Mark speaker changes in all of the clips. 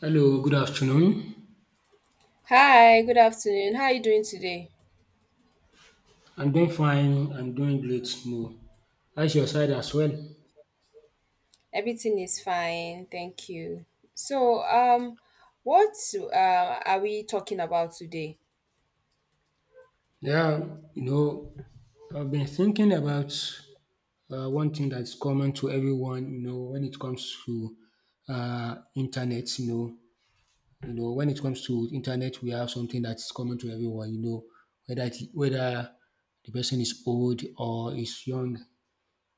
Speaker 1: Hello, good afternoon.
Speaker 2: Hi, good afternoon. How are you doing today?
Speaker 1: I'm doing fine. I'm doing great. No, how's your side as well?
Speaker 2: Everything is fine, thank you. So, um, what are we talking about today?
Speaker 1: Yeah, you know, I've been thinking about one thing that's common to everyone. You know, when it comes to internet, when it comes to internet, we have something that's common to everyone. You know, whether the person is old or is young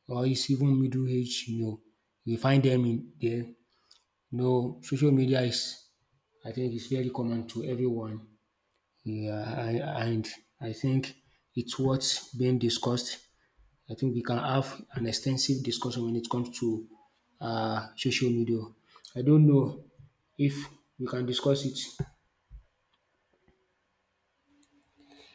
Speaker 1: or is even middle aged, you know, you find them in there. You know, social media is I think it's very common to everyone. Yeah, and I think it's what's being discussed. I think we can have an extensive discussion when it comes to social media. I don't know if we can discuss it.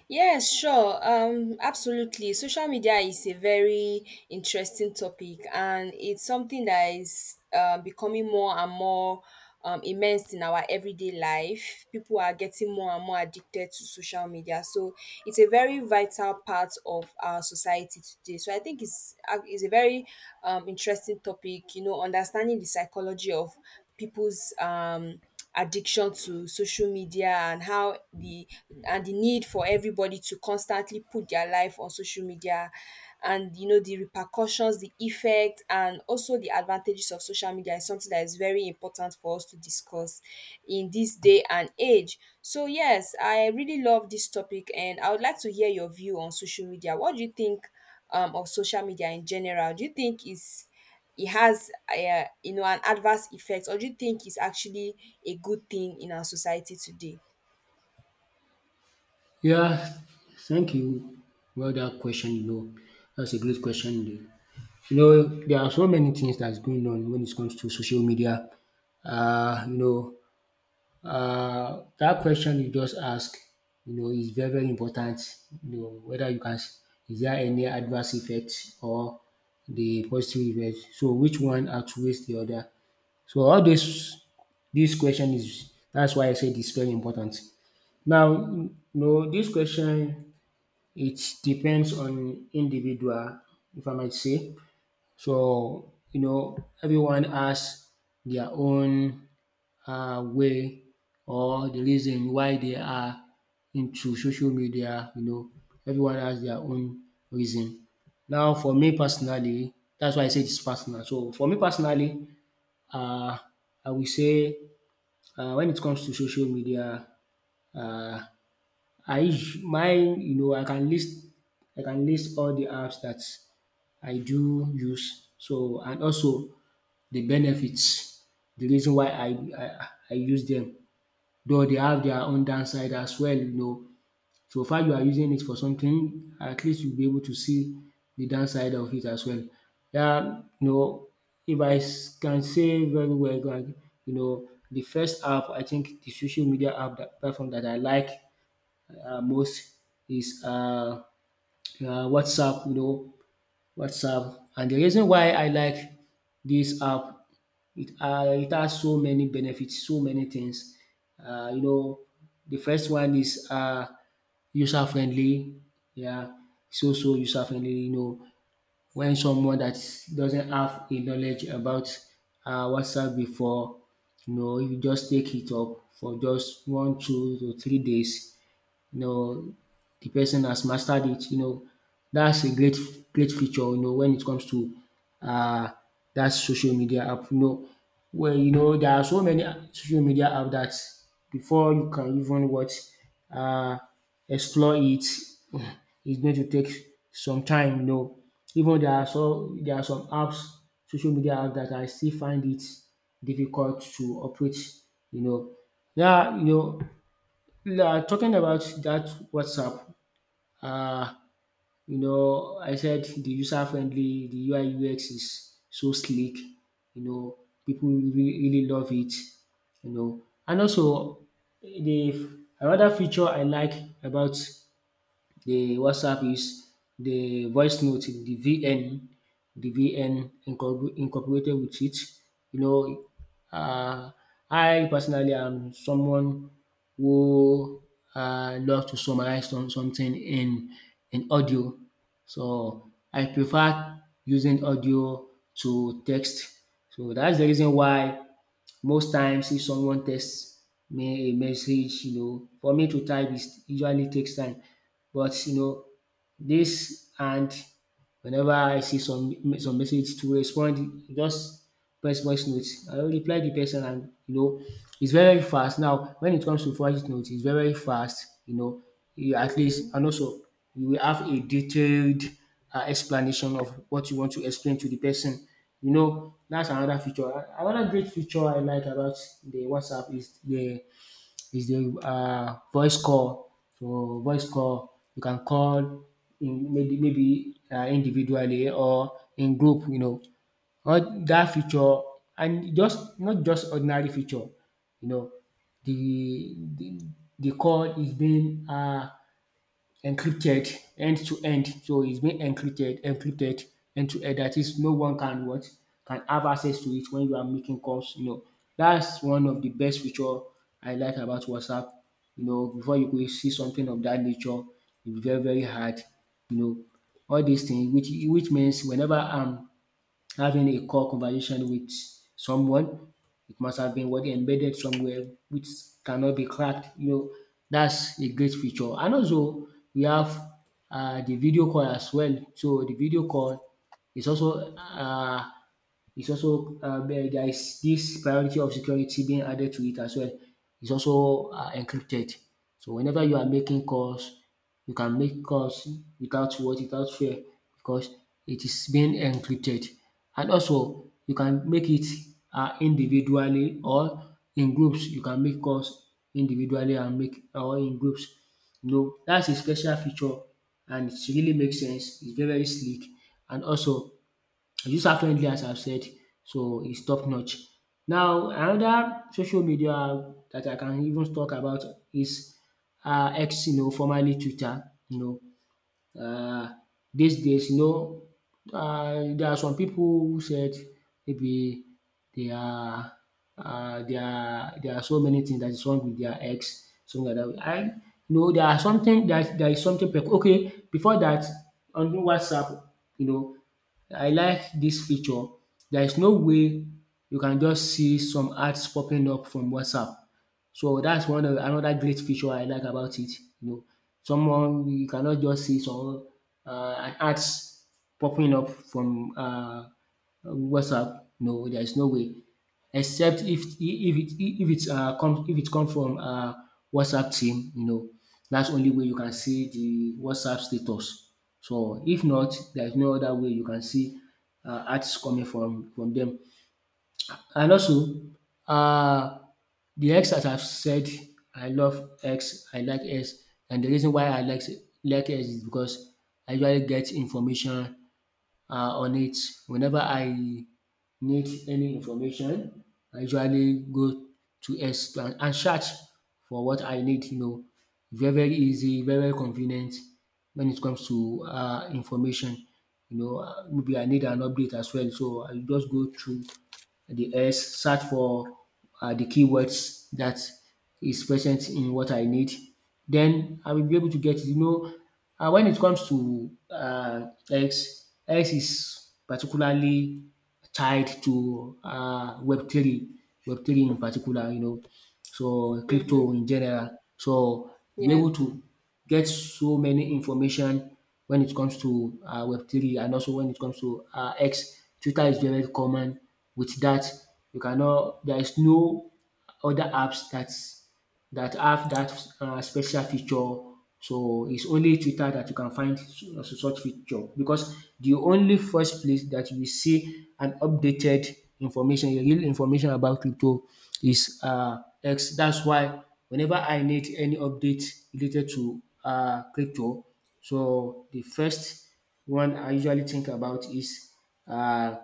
Speaker 2: Yes, sure. Absolutely. Social media is a very interesting topic, and it's something that is becoming more and more immense in our everyday life. People are getting more and more addicted to social media, so it's a very vital part of our society today. So I think it's a very interesting topic. You know, understanding the psychology of people's addiction to social media and how the need for everybody to constantly put their life on social media, and you know, the repercussions, the effect, and also the advantages of social media is something that is very important for us to discuss in this day and age. So yes, I really love this topic, and I would like to hear your view on social media. What do you think of social media in general? Do you think is it has you know, an adverse effect, or do you think it's actually a good thing in our society today?
Speaker 1: Yeah, thank you. Well, that question, you know, that's a great question, indeed. You know, there are so many things that's going on when it comes to social media. Uh, you know, that question you just asked, you know, is very important. You know, whether you can, s- is there any adverse effect or the positive effect? So which one outweighs the other? So this question is, that's why I said it's very important. Now, you know, this question, it depends on individual, if I might say. So, you know, everyone has their own way or the reason why they are into social media, you know, everyone has their own reason. Now, for me personally, that's why I say it's personal. So, for me personally, uh, I will say when it comes to social media, uh, I usu mine you know, I can list, I can list all the apps that I do use, so, and also the benefits, the reason why I I use them, though they have their own downside as well, you know. So far you are using it for something, at least you'll be able to see the downside of it as well. Yeah, you know, if I can say very well, like, you know, the first app, I think the social media app, that platform that I like most is WhatsApp, you know, WhatsApp. And the reason why I like this app, it has so many benefits, so many things. You know, the first one is user friendly. Yeah, so user friendly. You know, when someone that doesn't have a knowledge about WhatsApp before, you know, if you just take it up for just one, 2 to 3 days, you know, the person has mastered it, you know. That's a great feature, you know, when it comes to uh that social media app. You know, well, you know, there are so many social media app that before you can even what uh explore it, it's going to take some time, you know. Even there are some apps, social media apps that I still find it difficult to operate, you know. Yeah, you know, yeah, talking about that WhatsApp, uh, you know, I said the user friendly, the UI UX is so slick, you know, people really love it, you know, and also the another feature I like about the WhatsApp is the voice note, the VN, the VN incorporated with it. You know, uh, I personally am someone who love to summarize something in audio. So I prefer using audio to text. So that's the reason why most times if someone texts me a message, you know, for me to type is usually takes time. But you know, this and whenever I see some message to respond, just press voice note. I will reply the person, and you know, it's very fast. Now, when it comes to voice note, it's very fast. You know, you at least,
Speaker 2: Mm-hmm.
Speaker 1: and also you will have a detailed explanation of what you want to explain to the person. You know, that's another feature. Another great feature I like about the WhatsApp is the voice call. So voice call you can call in maybe individually or in group, you know. All dat feature, and just not just ordinary feature, you know. The the the call is being encrypted end to end. So it's been encrypted end to end. That is, no one can what, can have access to it when you are making calls. You know, that's one of the best feature I like about WhatsApp. You know, before you could see something of that nature, it's very hard. You know, all these things, which means whenever I'm having a core conversation with someone. It must have been what embedded somewhere which cannot be cracked. You know, that's a great feature. And also we have the video call as well. So the video call is also it's also there is this priority of security being added to it as well. It's also encrypted. So whenever you are making calls, you can make calls without what? Without fear because it is being encrypted. And also you can make it individually or in groups. You can make calls individually and make or in groups. You know, that's a special feature and it really makes sense. It's very sleek, and also use affluently, as I've said, so it's top notch. Now another social media that I can even talk about is X, you know, formerly Twitter, you know, uh, these days, you know, there are some people who said maybe they are there are so many things that is wrong with their ex, something like dat. I You know, there is okay, before that, on WhatsApp, you know, I like this feature. There is no way you can just see some ads popping up from WhatsApp, so that's one of another great feature I like about it. You know, someone you cannot just see some an ads popping up from WhatsApp. No, there is no way, except if it's come if it come from WhatsApp team. You know, that's only way you can see the WhatsApp status. So if not, there is no other way you can see ads coming from them. And also, um, the X, as I've said, I love X, I like X, and the reason why I like X is because I usually get information on it. Whenever I need any information, I usually go to X to and search for what I need, you know. Very easy, very convenient when it comes to information, you know. Maybe I need an update as well, so I just go through the S, search for the keywords that is present in what I need. Then I will be able to get it. You know, when it comes to X is particularly tied to Web3, Web3 in particular, you know, so
Speaker 2: Mm-hmm.
Speaker 1: crypto in general. So we're
Speaker 2: Yeah.
Speaker 1: able to get so many information when it comes to Web3, and also when it comes to X. Twitter is very common with that. You cannot, There is no other apps that have that special feature. So it's only Twitter that you can find such feature, because the only first place that you see an updated information, a real information about crypto is X. That's why whenever I need any update related to crypto, so the first one I usually think about is uh,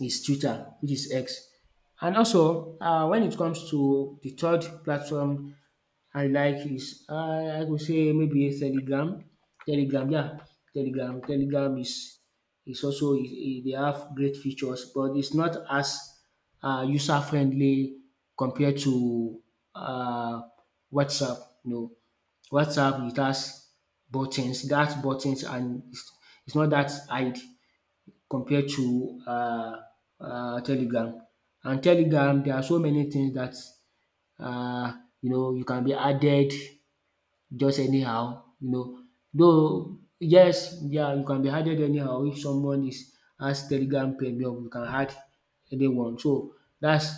Speaker 1: Twitter, which is X. And also, when it comes to the third platform I like is I could say maybe a Telegram. Telegram, yeah. Telegram. Telegram is also they have great features, but it's not as user friendly compared to uh, WhatsApp. You know, WhatsApp it has buttons, that buttons, and it's not that hide compared to Telegram. And Telegram, there are so many things that uh, you know you can be added just anyhow, you know. Though yes, yeah, you can be added anyhow if someone is has Telegram Premium, you can add anyone. So that's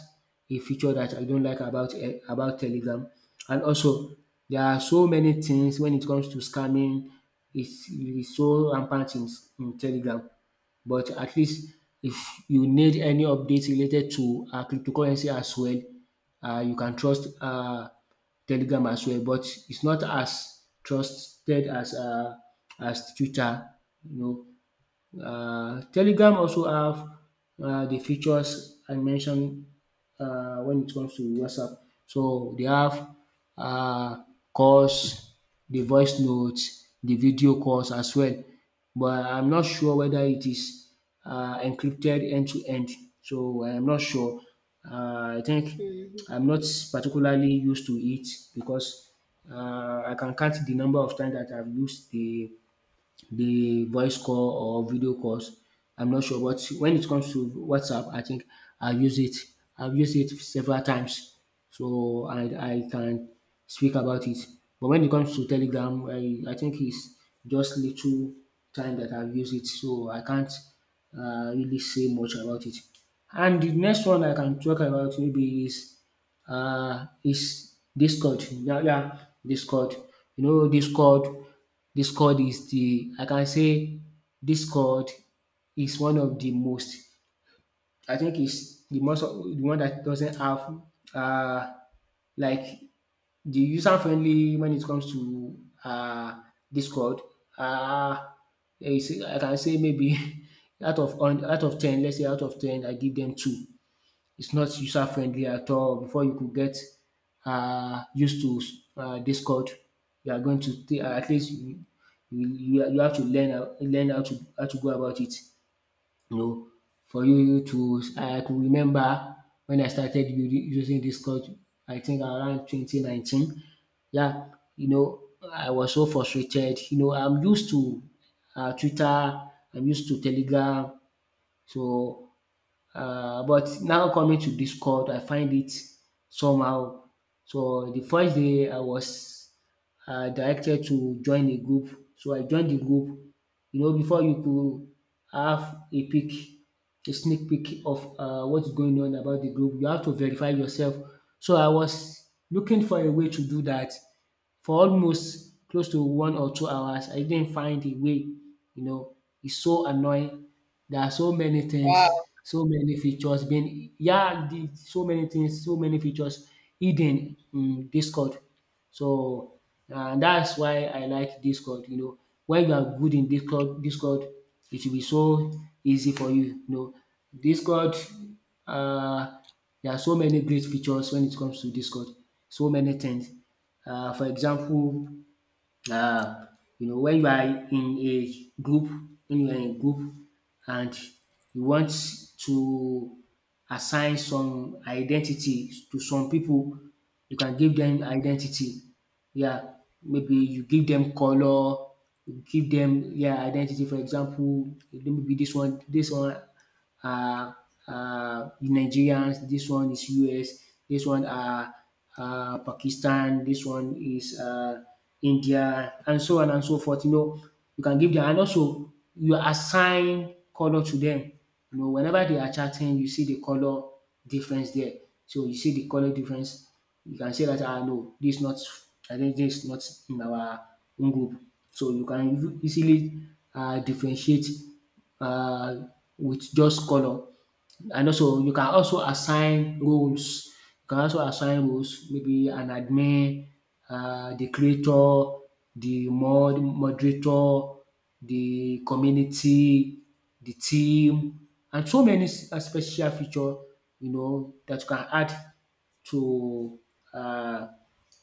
Speaker 1: a feature that I don't like about Telegram. And also there are so many things when it comes to scamming. It's is so rampant in Telegram. But at least if you need any updates related to cryptocurrency as well, you can trust Telegram as well, but it's not as trusted as Twitter, you know. Um Telegram also have the features I mentioned when it comes to WhatsApp. So they have um calls, the voice notes, the video calls as well. But I'm not sure whether it is encrypted end to end. So I'm not sure. I think
Speaker 2: Mm-hmm.
Speaker 1: I'm not particularly used to it because I can count the number of times that I've used the voice call or video calls. I'm not sure, but when it comes to WhatsApp, I think I use it. I've used it several times, so I can speak about it. But when it comes to Telegram, I think it's just little time that I've used it, so I can't really say much about it. And the next one I can talk about maybe is Discord. Yeah, yeah, Discord. You know, Discord. Discord is the I can say Discord is one of the most, I think is the most, the one that doesn't have uh like the user friendly when it comes to uh Discord. Uh is, I can say maybe out of ten, let's say out of ten I give them two. It's not user-friendly at all. Before you could get used to Discord, you are going to take at least you have to learn how to go about it, you know. For you to I could remember when I started using Discord, I think around 2019. Yeah, you know, I was so frustrated. You know, I'm used to Twitter, I'm used to Telegram. So but now coming to Discord, I find it somehow. So the first day I was directed to join a group. So I joined the group. You know, before you could have a peek, a sneak peek of what's going on about the group, you have to verify yourself. So I was looking for a way to do that for almost close to 1 or 2 hours. I didn't find a way, you know, it's so annoying. There are so many things,
Speaker 2: Wow.
Speaker 1: so many features being yeah, the so many things, so many features hidden in Discord. So that's why I like Discord, you know. When you are good in Discord, it will be so easy for you, you know. Discord Uh, there are so many great features when it comes to Discord, so many things. For example, uh, you know, when you are in a group, when you are in a group and you want to assign some identity to some people, you can give them identity. Yeah, maybe you give them color, you give them, yeah, identity. For example, maybe this one, this one uh, Nigerians, this one is US, this one are Pakistan, this one is India, and so on and so forth. You know, you can give them, and also you assign color to them. You know, whenever they are chatting, you see the color difference there. So you see the colour difference, you can say dat ah no dis not, I think dis not in our own group. So you can easily differentiate um with just colour. And also you can also assign roles, maybe an admin, the creator, the moderator, the community, the team, and so many special feature you know that you can add to uh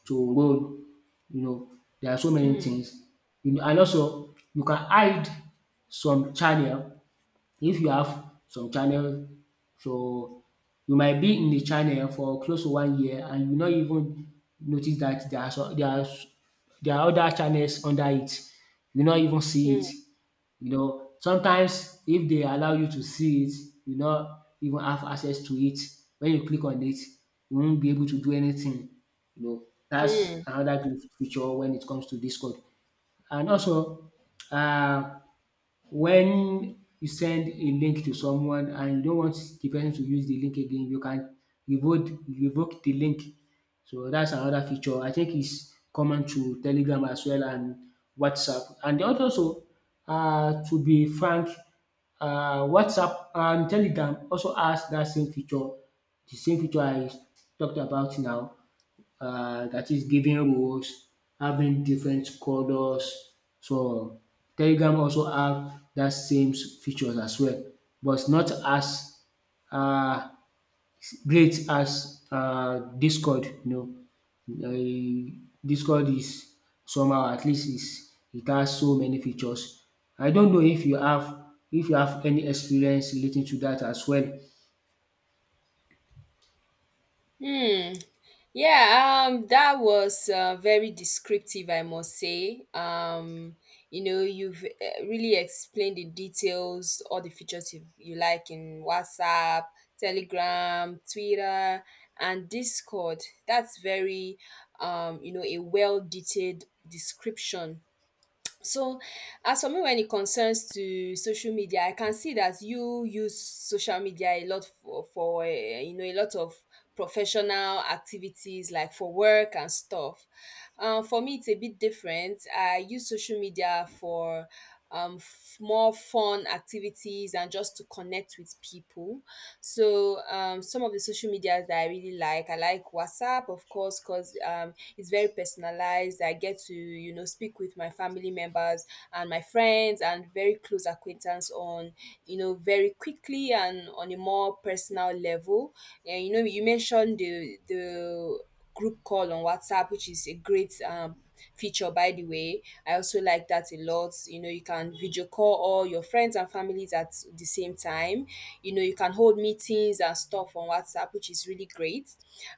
Speaker 1: to role. You know there are so many things. You know and also you can hide some channel if you have some channel, so you might be in the channel for close to one year and you no even notice that there are some there are s- there are other channels under it. You no even see it. You know, sometimes if they allow you to see it, you no even have access to it. When you click on it, you won't be able to do anything. You know
Speaker 2: Mm-hmm.
Speaker 1: that's another great feature when it comes to Discord. And also um when you send a link to someone and you don't want the person to use the link again, you can revoke the link. So that's another feature. I think it's common to Telegram as well and WhatsApp. And also to be frank, WhatsApp and Telegram also has that same feature, the same feature I talked about now, that is giving roles, having different colors. So Telegram also have that same features as well, but not as uh, great as Discord. You know, Discord is somehow, at least is it has so many features. I don't know if you have, if you have any experience relating to that as well.
Speaker 2: Hmm. Yeah, that was very descriptive, I must say. You know, you've really explained the details, all the features you, you like in WhatsApp, Telegram, Twitter, and Discord. That's very, you know, a well detailed description. So, as for me, when it concerns to social media, I can see that you use social media a lot for eh, you know, a lot of professional activities like for work and stuff. For me, it's a bit different. I use social media for more fun activities and just to connect with people. So, some of the social medias that I really like, I like WhatsApp, of course, because it's very personalized. I get to, you know, speak with my family members and my friends and very close acquaintance on, you know, very quickly and on a more personal level. And you know, you mentioned the group call on WhatsApp, which is a great feature, by the way. I also like that a lot. You know, you can video call all your friends and families at the same time. You know, you can hold meetings and stuff on WhatsApp, which is really great.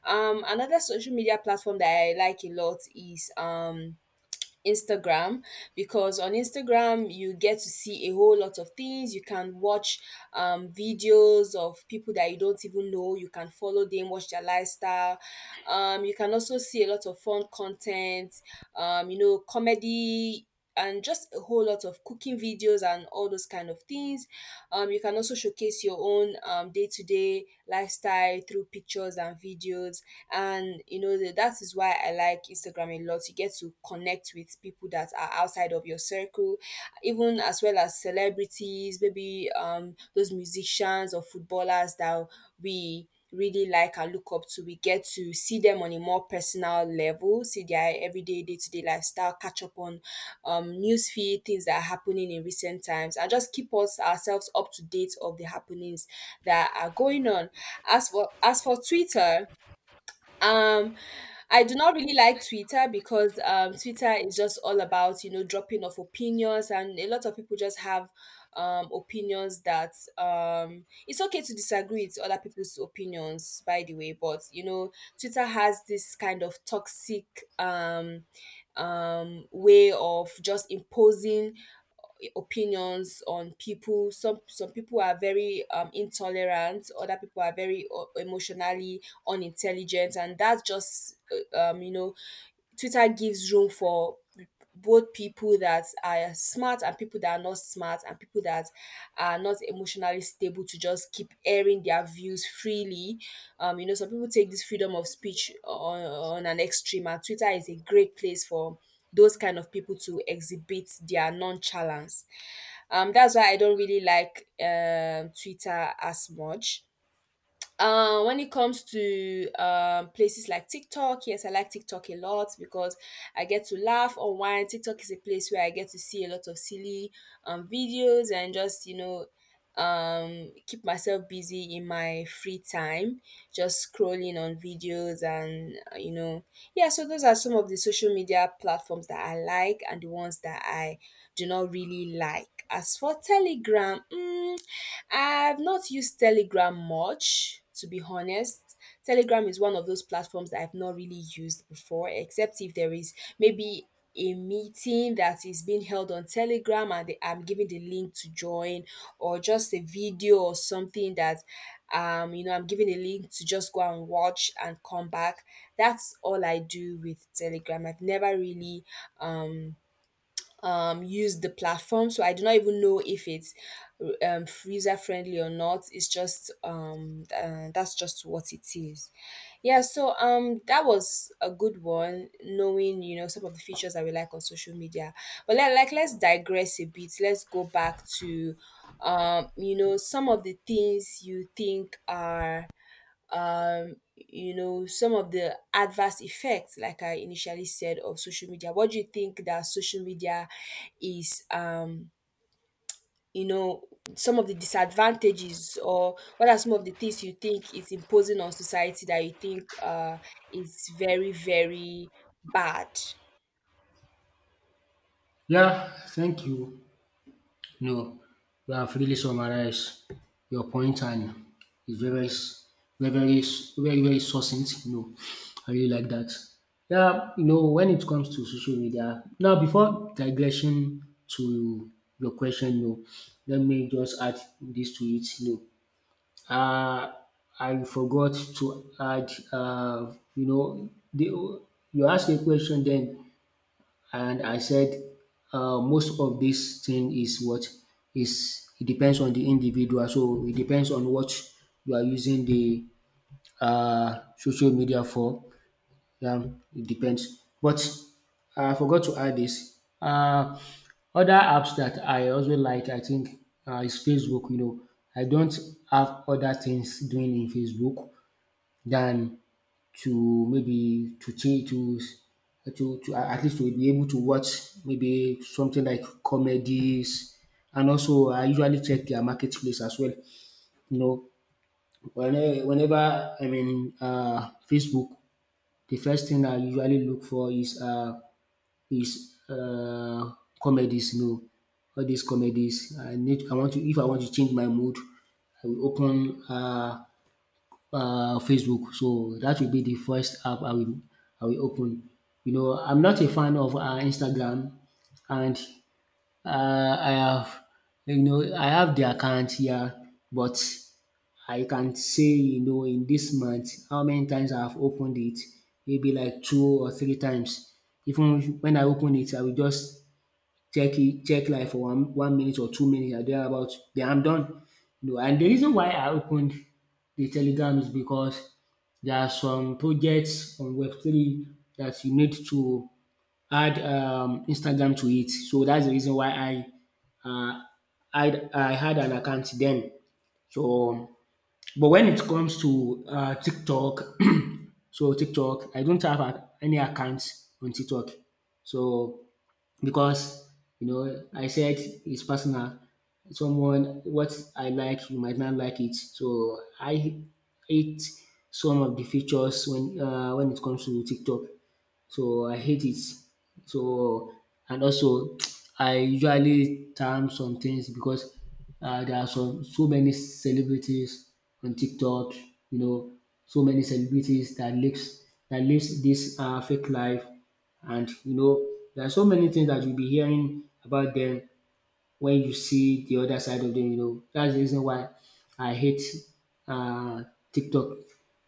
Speaker 2: Another social media platform that I like a lot is Instagram, because on Instagram you get to see a whole lot of things. You can watch videos of people that you don't even know. You can follow them, watch their lifestyle. You can also see a lot of fun content. You know, comedy. And just a whole lot of cooking videos and all those kind of things. You can also showcase your own day-to-day lifestyle through pictures and videos, and you know, the, that is why I like Instagram a lot. You get to connect with people that are outside of your circle, even as well as celebrities, maybe those musicians or footballers that we really like and look up to. We get to see them on a more personal level, see their everyday day-to-day lifestyle, catch up on news feed, things that are happening in recent times, and just keep us ourselves up to date of the happenings that are going on. As for as for Twitter, um, I do not really like Twitter because Twitter is just all about, you know, dropping of opinions, and a lot of people just have opinions that it's okay to disagree with other people's opinions, by the way. But you know, Twitter has this kind of toxic um, way of just imposing opinions on people. Some people are very intolerant. Other people are very emotionally unintelligent, and that's just you know, Twitter gives room for both people that are smart and people that are not smart and people that are not emotionally stable to just keep airing their views freely. You know, some people take this freedom of speech on an extreme, and Twitter is a great place for those kind of people to exhibit their nonchalance. That's why I don't really like Twitter as much. When it comes to places like TikTok, yes, I like TikTok a lot because I get to laugh or wine. TikTok is a place where I get to see a lot of silly videos and just, you know, keep myself busy in my free time, just scrolling on videos and, you know, yeah, so those are some of the social media platforms that I like and the ones that I do not really like. As for Telegram, mm, I've not used Telegram much, to be honest. Telegram is one of those platforms that I've not really used before, except if there is maybe a meeting that is being held on Telegram and they- I'm giving the link to join, or just a video or something that, you know, I'm giving a link to just go and watch and come back. That's all I do with Telegram. I've never really, um, use the platform. So I do not even know if it's user friendly or not. It's just that's just what it is. Yeah. So that was a good one. Knowing you know some of the features that we like on social media, but let, like let's digress a bit. Let's go back to you know, some of the things you think are you know, some of the adverse effects like I initially said of social media. What do you think that social media is you know, some of the disadvantages, or what are some of the things you think is imposing on society that you think is very very bad?
Speaker 1: Yeah, thank you. No, you have really summarized your point and it's very, very succinct. You know, I really like that. Yeah, you know, when it comes to social media, now before digression to your question, you know, let me just add this to it. You know, I forgot to add, you know, you asked a question then and I said, most of this thing is what is it depends on the individual. So it depends on what you are using the social media for. Yeah, it depends. But I forgot to add this. Other apps that I also like, I think, is Facebook. You know, I don't have other things doing in Facebook than to maybe to at least to be able to watch maybe something like comedies, and also I usually check their marketplace as well. You know, whenever I'm in Facebook, the first thing I usually look for is is uh, comedies. You know, all these comedies. I need. I want to. If I want to change my mood, I will open. Facebook. So that will be the first app I will open. You know I'm not a fan of Instagram, and uh, I have, you know I have the account here, but I can say you know in this month how many times I have opened it, maybe like two or three times. Even when I open it I will just check like for one minute or 2 minutes and thereabout den I'm done. You know and the reason why I opened the telegram is because there are some projects on web three that you need to add Instagram to it. So that's the reason why uh I had an account then. So but when it comes to TikTok so TikTok I don't have any account on TikTok. So because you know I said it's personal. Someone what I like, you might not like it. So I hate some of the features when it comes to TikTok. So I hate it. So and also I usually time some things because there are some so many celebrities on TikTok. You know, so many celebrities that lives this fake life, and you know, there are so many things that you'll be hearing about them when you see the other side of them. You know, that's the reason why I hate uh, TikTok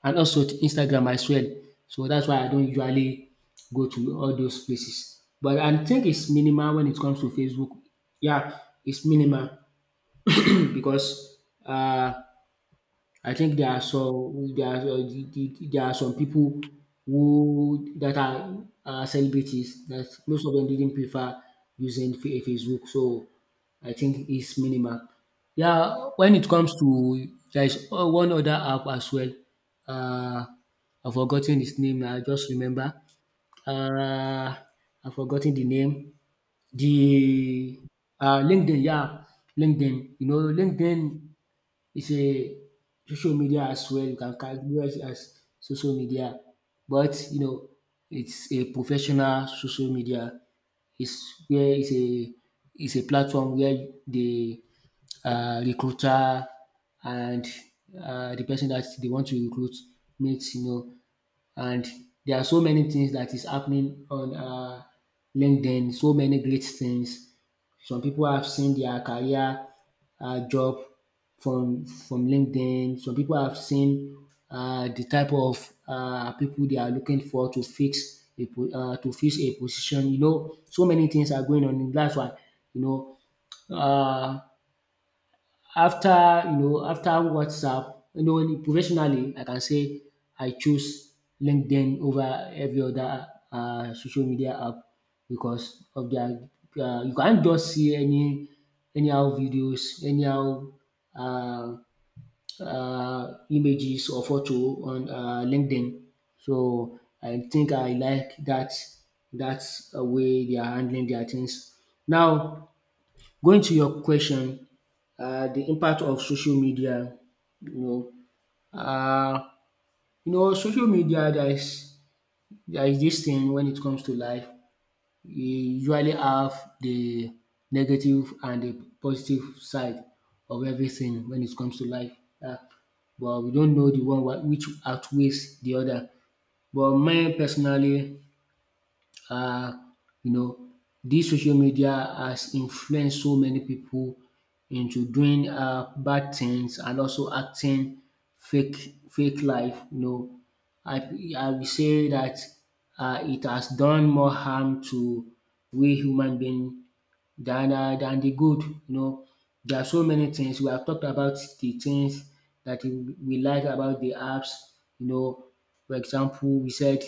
Speaker 1: and also Instagram as well. So that's why I don't usually go to all those places. But I think it's minimal when it comes to Facebook. Yeah, it's minimal because uh, I think there are, there are some people who that are celebrities that most of them didn't prefer using Facebook. So I think it's minimal. Yeah, when it comes to, there is one other app as well. Uh, I've forgotten its name. I just remember. Uh, I've forgotten the name. The LinkedIn. Yeah, LinkedIn. You know, LinkedIn, it's a social media as well. You can categorize it as social media, but you know, it's a professional social media. It's where it's a platform where the recruiter and the person that they want to recruit meets. You know, and there are so many things that is happening on LinkedIn. So many great things, some people have seen their career job from LinkedIn. Some people have seen the type of people they are looking for to fix a po to fix a position. You know so many things are going on. That's why you know, um after, you know, after WhatsApp, you know in professionally I can say I choose LinkedIn over every other social media app, because of their you can't just see any anyhow videos, anyhow uh images or photo on LinkedIn. So I think I like dat way they are handling their things. Now, going to your question, the impact of social media, you know, um social media, there is this thing. When it comes to life, you usually have the negative and the positive side of everything when it comes to life. um But we don't know the one which outweighs the other. But me personally, um you know this social media has influenced so many people into doing bad things and also acting fake life, you know. I I will say that it has done more harm to we human being than than the good, you know. There are so many things we have talked about, the things dat we like about the apps, you know. For example, we said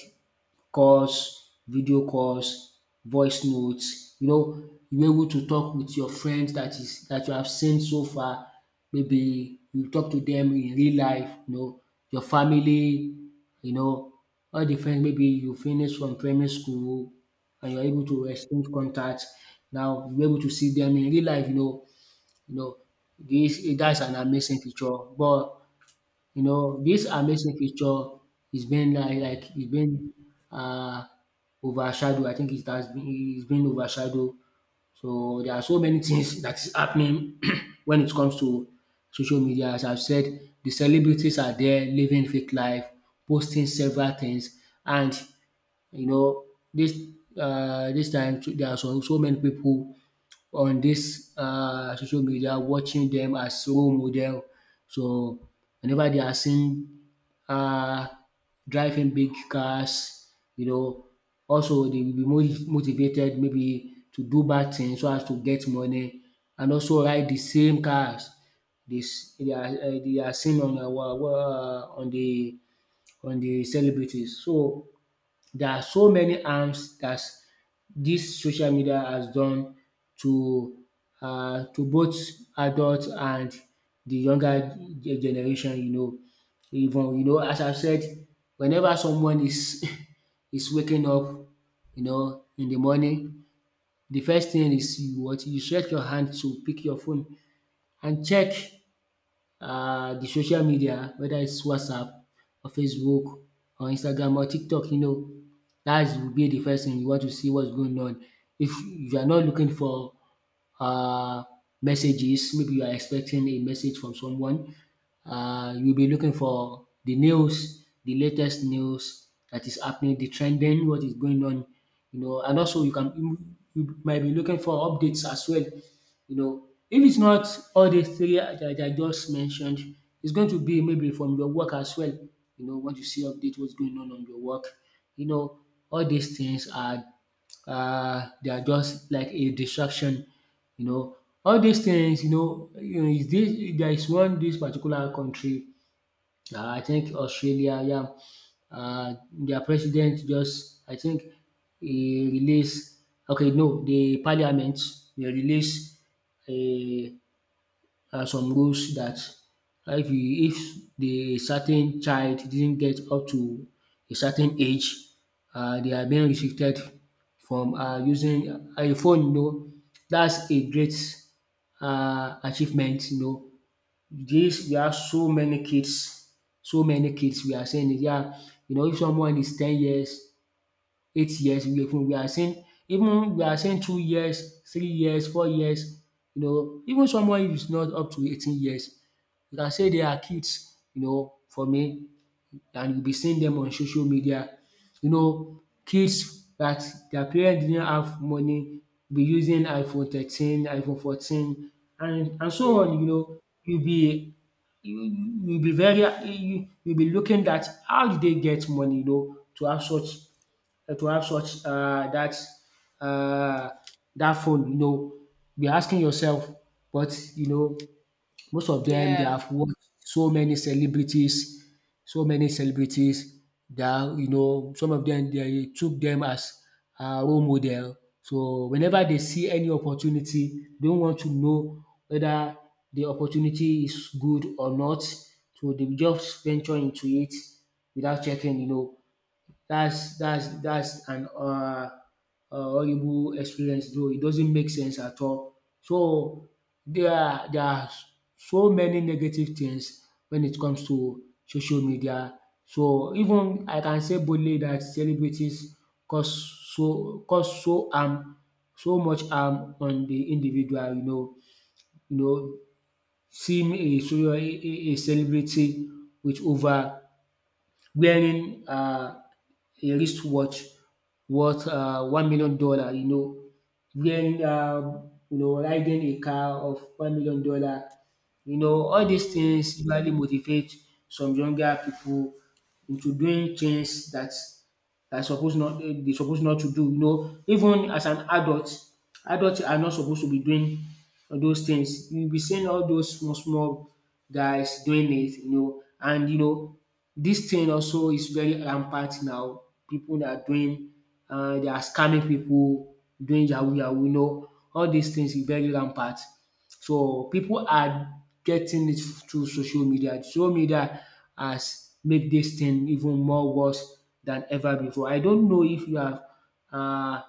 Speaker 1: calls, video calls, voice notes. You know, you were able to talk with your friends that is that you have seen so far, maybe you talk to them in real life, you know, your family, you know, all the friends maybe you finish from primary school and you're able to exchange contact. Now you were able to see them in real life, you know, you know this, that's an amazing feature. But, you know, this amazing picture is being like it's been uh overshadowed. I think it has been, it's been overshadowed. So there are so many things that is happening when it comes to social media. As I've said, the celebrities are there living fake life, posting several things, and, you know, this this time too, there are so many people on this social media watching them as role model. So whenever they are seen uh driving big cars, you know, also they will be more motivated maybe to do bad things so as to get money and also ride the same cars. This they are seen on our on the celebrities. So there are so many harms that this social media has done to to both adults and the younger generation, you know. Even, you know, as I said, whenever someone is is waking up, you know, in the morning, the first thing is you what you stretch your hand to pick your phone and check the social media, whether it's WhatsApp or Facebook or Instagram or TikTok, you know, that will be the first thing you want to see what's going on. If you are not looking for um messages, maybe you are expecting a message from someone, you'll be looking for the news, the latest news that is happening, the trending, what is going on, you know. And also you can you might be looking for updates as well, you know. If it's not all these three that I just mentioned, it's going to be maybe from your work as well. You know, want to see update what's going on your work. You know, all these things are they are just like a distraction. You know, all these things. You know, is this there is one, this particular country, I think Australia, yeah, their president just, I think, he released, okay, no, the parliament, they released uh, some rules that if the certain child didn't get up to a certain age, they are being restricted from using a phone, you know. That's a great achievement, you know. This we have so many kids we are seeing in Nigeria. You know, if someone is 10 years, 8 years, we are seeing, even we are seeing 2 years, 3 years, 4 years. You know, even someone who is not up to 18 years, you can say they are kids, you know, for me, and you'll be seeing them on social media. You know, kids that their parents didn't have money be using iPhone 13, iPhone 14, and so
Speaker 2: Hmm,
Speaker 1: on, you know. You'll be you you be very you be looking at how did they get money, you know, to have such, to have such uh that phone, you know. Be asking yourself, but you know, most of them they
Speaker 2: yeah.
Speaker 1: have watched so many celebrities that, you know, some of them they took them as a role model. So whenever they see any opportunity, they don't want to know whether the opportunity is good or not. So they will just venture into it without checking. You know, that's that's an horrible experience, though it doesn't make sense at all. So there are so many negative things when it comes to social media. So even I can say boldly that celebrities cause cause so much harm on the individual, you know. you know Seeing a celebrity with over wearing a wristwatch worth $1 million, you know, wearing riding a car of $1 million, you know, all these
Speaker 2: Hmm.
Speaker 1: things usually motivate some younger people into doing things that suppose not, eh, they suppose not to do, you know. Even as an adult, adults are not supposed to be doing those things. You be seeing all those small small guys doing it, you know. And you know, this thing also is very rampant now. People that are doing, they are scamming people, doing yahoo yahoo. You know, all these things is very rampant. So people are getting it through social media. Social media has made this thing even more worse than ever before. I don't know if you have uh,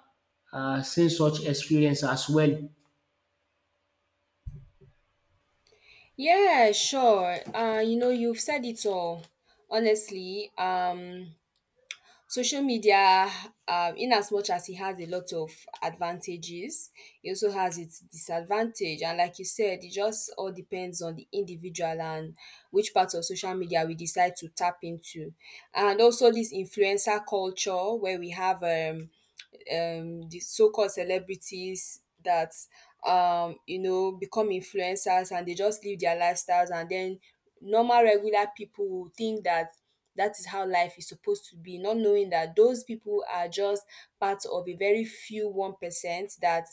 Speaker 1: seen such experience as well.
Speaker 2: Yeah, sure. You know, you've said it all. Honestly, social media, in as much as it has a lot of advantages, it also has its disadvantage. And like you said, it just all depends on the individual and which part of social media we decide to tap into. And also this influencer culture where we have the so-called celebrities that you know, become influencers and they just live their lifestyles, and then normal regular people will think that that is how life is supposed to be, not knowing that those people are just part of a very few 1% that,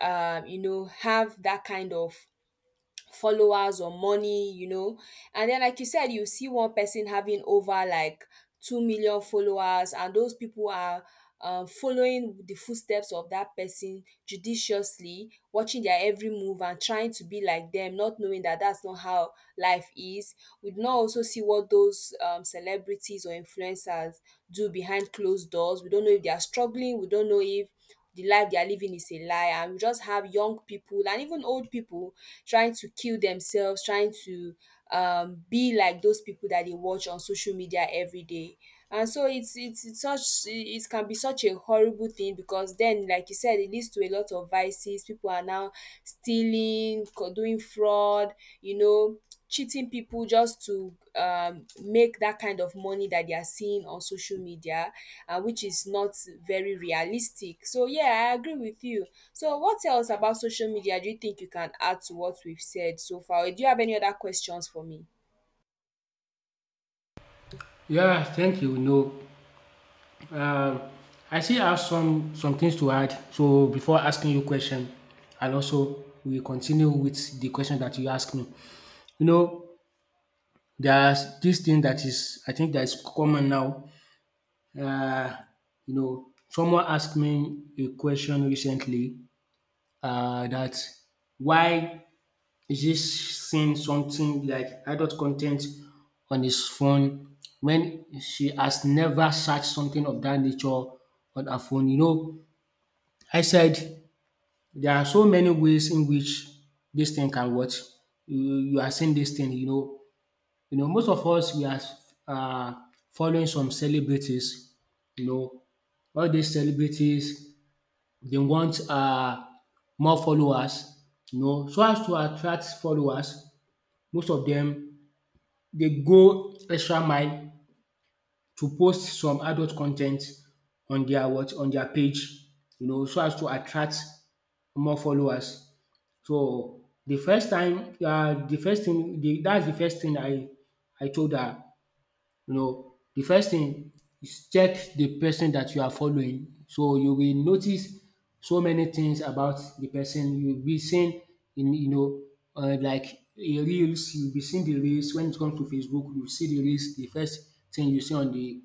Speaker 2: you know, have that kind of followers or money, you know. And then, like you said, you see one person having over like 2 million followers, and those people are following the footsteps of that person judiciously, watching their every move and trying to be like them, not knowing that that's not how life is. We do not also see what those celebrities or influencers do behind closed doors. We don't know if they are struggling, we don't know if the life they are living is a lie, and we just have young people and even old people trying to kill themselves trying to be like those people that they watch on social media every day. And so it's such, it can be such a horrible thing, because then like you said, it leads to a lot of vices. People are now stealing, co- doing fraud, you know, cheating people just to make that kind of money that they are seeing on social media, which is not very realistic. So, yeah, I agree with you. So, what else about social media do you think you can add to what we've said so far? Or do you have any other questions for me?
Speaker 1: Yeah, thank you. No. Um, I still have some things to add. So before asking you question, and also we continue with the question that you asked me. You know, there's this thing that is, I think, that is common now. Uh, you know, someone asked me a question recently, that why is he seeing something like adult content on his phone when she has never searched something of that nature on her phone. You know, I said there are so many ways in which this thing can what you you are seeing this thing, you know. You know, most of us we are uh, following some celebrities, you know, all these celebrities they want, more followers, you know, so as to attract followers, most of them they go extra mile to post some adult content on their what on their page, you know, so as to attract more followers. So, the first time the first thing, the, that's the first thing I told her. You know, the first thing is check the person that you are following. So you will notice so many things about the person. You'll be seeing, you know, like a reels, you'll be seeing the reels. When it comes to Facebook, you see the reels. The first thing you see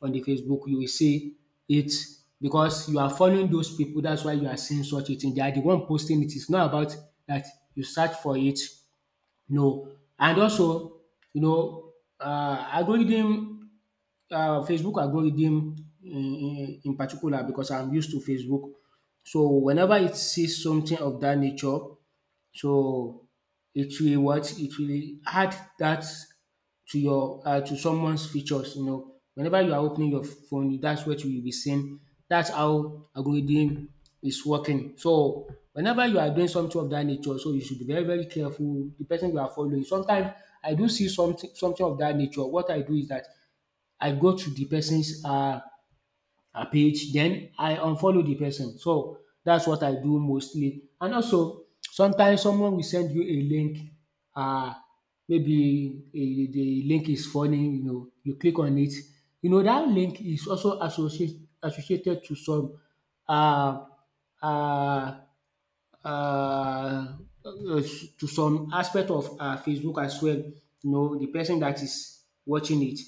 Speaker 1: on the Facebook, you will see it, because you are following those people. That's why you are seeing such a thing. They are the one posting it. It's not about that you search for it, no. And also, you know, algorithm, Facebook algorithm in particular, because I'm used to Facebook. So whenever it sees something of that nature, so it will what? It will add that to your to someone's features, you know. Whenever you are opening your phone, that's what you will be seeing. That's how algorithm is working. So whenever you are doing something of that nature, so you should be very, very careful. The person you are following. Sometimes I do see something of that nature. What I do is that I go to the person's her page, then I unfollow the person. So that's what I do mostly. And also sometimes someone will send you a link, um maybe the link is funny, you know, you click on it, you know that link is also associated um um uh, uh, to some aspect of Facebook as well. You know, the person that is watching it,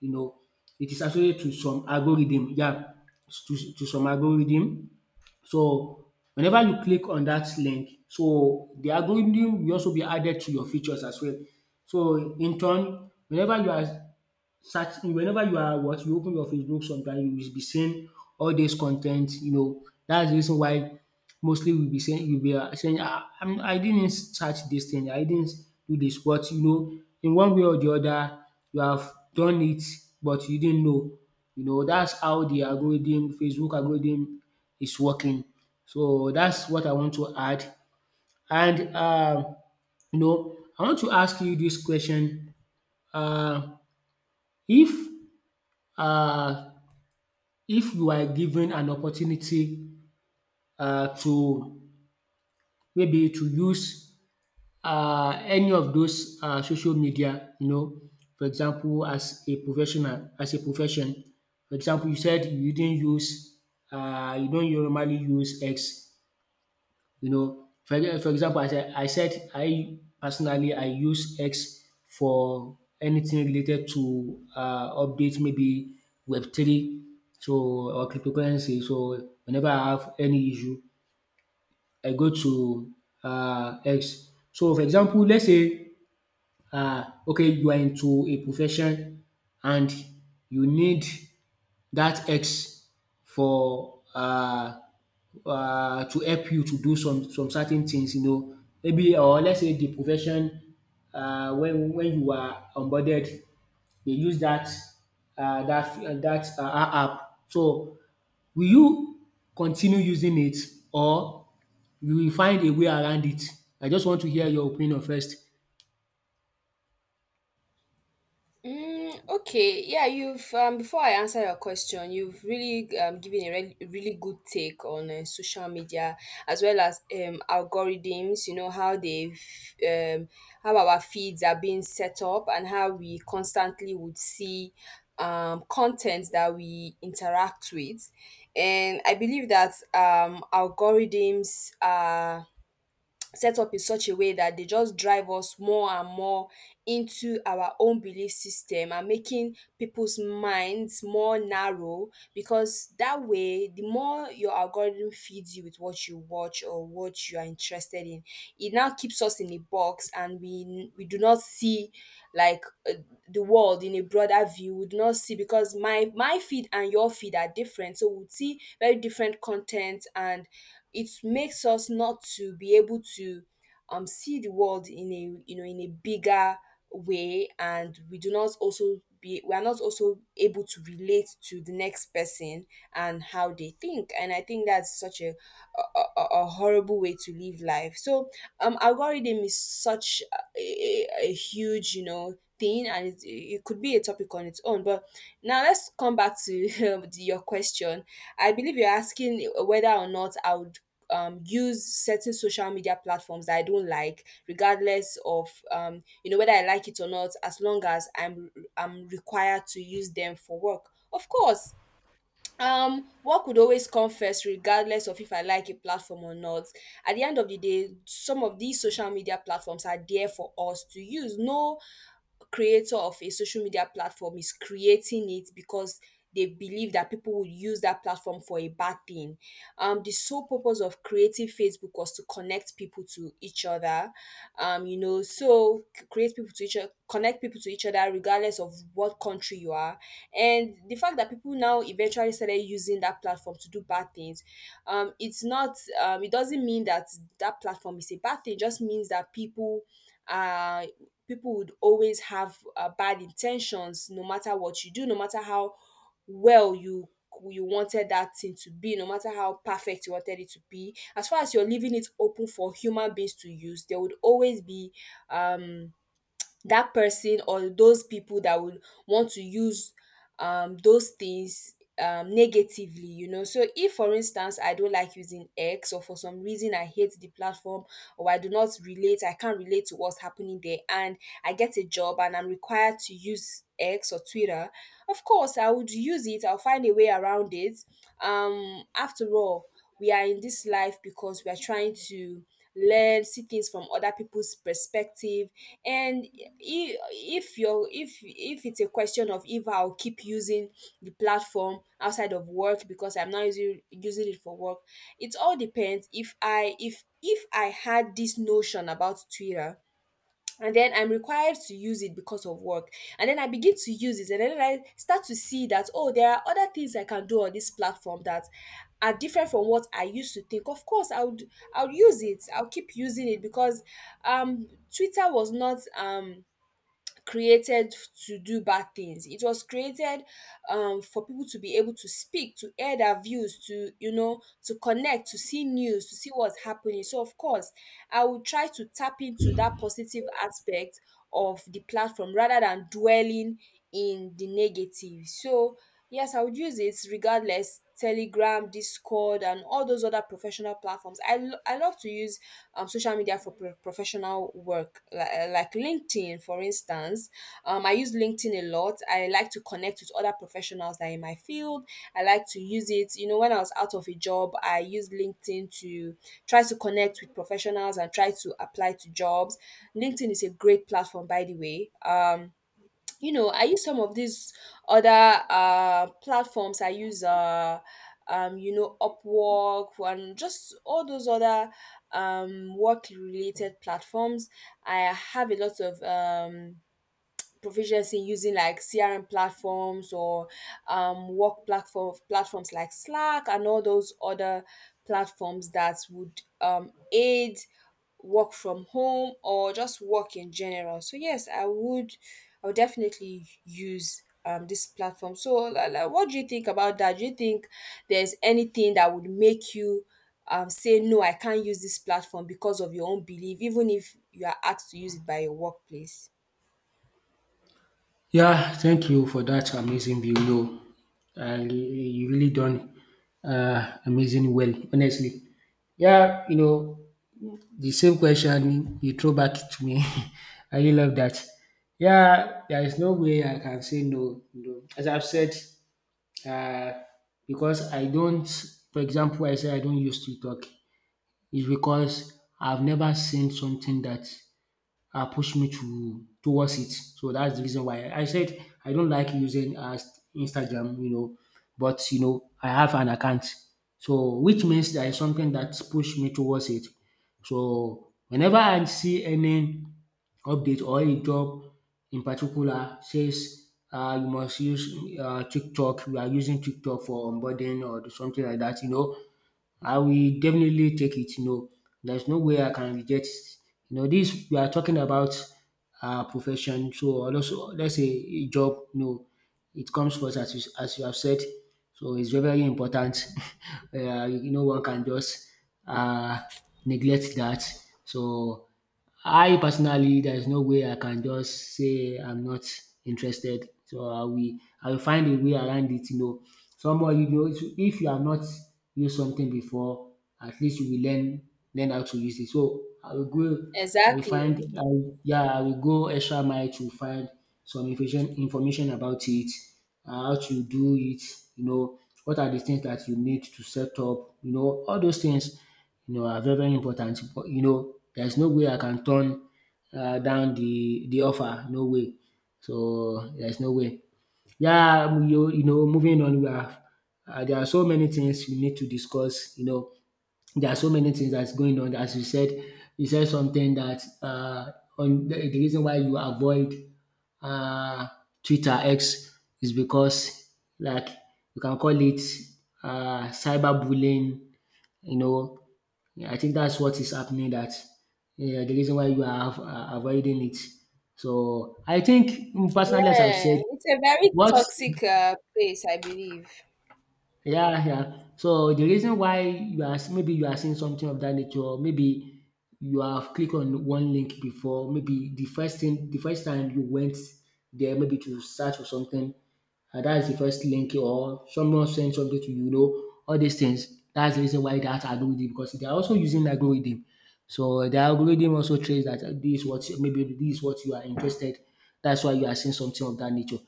Speaker 1: you know, it is associated to some algorithm. Yeah, to some algorithm. So whenever you click on that link, so the algorithm will also be added to your features as well. So in turn, whenever you are search whenever you are what you open your Facebook sometime, you will be seeing all this content. You know, that's the reason why mostly we be saying you be saying I didn't search this thing, I didn't do this. But you know, in one way or the other you have done it, but you didn't know. You know, that's how the algorithm, Facebook algorithm, is working. So that's what I want to add, and I want to ask you this question. um if uh, if you are given an opportunity to maybe to use any of those social media, you know, for example as a professional, as a profession. For example, you said you didn't use, you don't normally use X. You know, for example, as I said, I personally I use X for anything related to updates, maybe Web3, so, or cryptocurrency. So whenever I have any issue, I go to X. So for example, let's say okay, you are into a profession and you need that X for to help you to do some certain things, you know. Maybe, or let's say the profession, when you are onboarded, they use that dat app. So will you continue using it, or you will find a way around it? I just want to hear your opinion first.
Speaker 2: Mm, okay, yeah, you've before I answer your question, you've really given a re- really good take on social media as well as algorithms. You know how they, how our feeds are being set up and how we constantly would see content that we interact with, and I believe that algorithms are set up in such a way that they just drive us more and more into our own belief system and making people's minds more narrow, because that way, the more your algorithm feeds you with what you watch or what you are interested in, it now keeps us in a box and we do not see like uh, the world in a broader view. We do not see because my feed and your feed are different, so we'll see very different content, and it makes us not to be able to see the world in a, you know, in a bigger way. And we do not also be we are not also able to relate to the next person and how they think. And I think that's such a horrible way to live life. So algorithm is such a huge, you know, thing, and it could be a topic on its own. But now let's come back to your question. I believe you're asking whether or not I would use certain social media platforms that I don't like, regardless of, you know, whether I like it or not, as long as I'm required to use them for work. Of course, work would always come first regardless of if I like a platform or not. At the end of the day, some of these social media platforms are there for us to use. No creator of a social media platform is creating it because they believe that people would use that platform for a bad thing. The sole purpose of creating Facebook was to connect people to each other. You know, so create people to each other, connect people to each other, regardless of what country you are. And the fact that people now eventually started using that platform to do bad things, it's not, it doesn't mean that that platform is a bad thing. It just means that people, uh people would always have bad intentions no matter what you do, no matter how well you wanted that thing to be, no matter how perfect you wanted it to be. As far as you're leaving it open for human beings to use, there would always be um that person or those people that would want to use those things negatively. You know, so if, for instance, I don't like using X, or for some reason I hate the platform, or I do not relate, I can't relate to what's happening there, and I get a job and I'm required to use X or Twitter, of course I would use it. I'll find a way around it. After all, we are in this life because we are trying to learn, see things from other people's perspective. And if you're, if it's a question of if I'll keep using the platform outside of work because I'm not using it for work, it all depends. If I had this notion about Twitter and then I'm required to use it because of work, and then I begin to use it, and then I start to see that, oh, there are other things I can do on this platform that are different from what I used to think. Of course, I would use it. I'll keep using it because um Twitter was not created to do bad things. It was created for people to be able to speak, to air their views, to, you know, to connect, to see news, to see what's happening. So of course, I will try to tap into that positive aspect of the platform rather than dwelling in the negative. So yes, I would use it regardless. Telegram, Discord, and all those other professional platforms. I love to use social media for professional work, like LinkedIn, for instance. I use LinkedIn a lot. I like to connect with other professionals that are in my field. I like to use it. You know, when I was out of a job, I used LinkedIn to try to connect with professionals and try to apply to jobs. LinkedIn is a great platform, by the way. You know, I use some of these other platforms. I use you know, Upwork and just all those other work related platforms. I have a lot of proficiency in using like CRM platforms or work platforms like Slack and all those other platforms that would aid work from home or just work in general. So yes, I would definitely use this platform. So what do you think about that? Do you think there's anything that would make you say, no, I can't use this platform because of your own belief, even if you are asked to use it by your workplace?
Speaker 1: Yeah, thank you for that amazing video. You really done amazing well, honestly. Yeah, you know, the same question you throw back to me. I really love that. Yeah, there is no way I can say no. You know, as I've said, uh, because I don't, for example, I say I don't use TikTok. It's because I've never seen something that push me to towards it. So that's the reason why I said I don't like using Instagram, you know, but you know I have an account, so which means there is something that pushed me towards it. So whenever I see any update or a job in particular says you must use TikTok, we are using TikTok for onboarding or something like that, you know, I will definitely take it, you know. There's no way I can reject it. You know, this we are talking about profession, so, or also let's say a job. No, it comes first as you have said. So it's very, very important. You know, one can just uh, neglect that. So I personally, there is no way I can just say I'm not interested, so I will find a way around it, you know. Someone, you know, if you have not used something before, at least you will learn how to use it. So I will find
Speaker 2: Exactly.
Speaker 1: I will- yeah, I will go extra mile to find some information about it, how to do it, you know, what are the things that you need to set up, you know, all those things, you know, are very, very important. But, you know, there's no way I can turn down the offer. No way. So there's no way. Yeah, moving on, we have, there are so many things we need to discuss. You know, there are so many things that's going on. As you said something that on the reason why you avoid uh, Twitter X is because, like, you can call it cyberbullying. You know, yeah, I think that's what is happening. That yeah, the reason why you are avoiding it. So I think personally, as I've
Speaker 2: Yeah,
Speaker 1: said,
Speaker 2: it's a very
Speaker 1: what,
Speaker 2: toxic place, I believe.
Speaker 1: yeah, yeah. So the reason why you are, maybe you are seeing something of that nature, maybe you have clicked on one link before. Maybe the first thing, the first time you went there, maybe to search for something, and that is the first link, or someone sent something to you, you know, all these things, that's the reason why that algorithm, because they are also using algorithm. So the algorithm also trains that this is what, maybe this is what you are interested. That's why you are seeing something of that nature.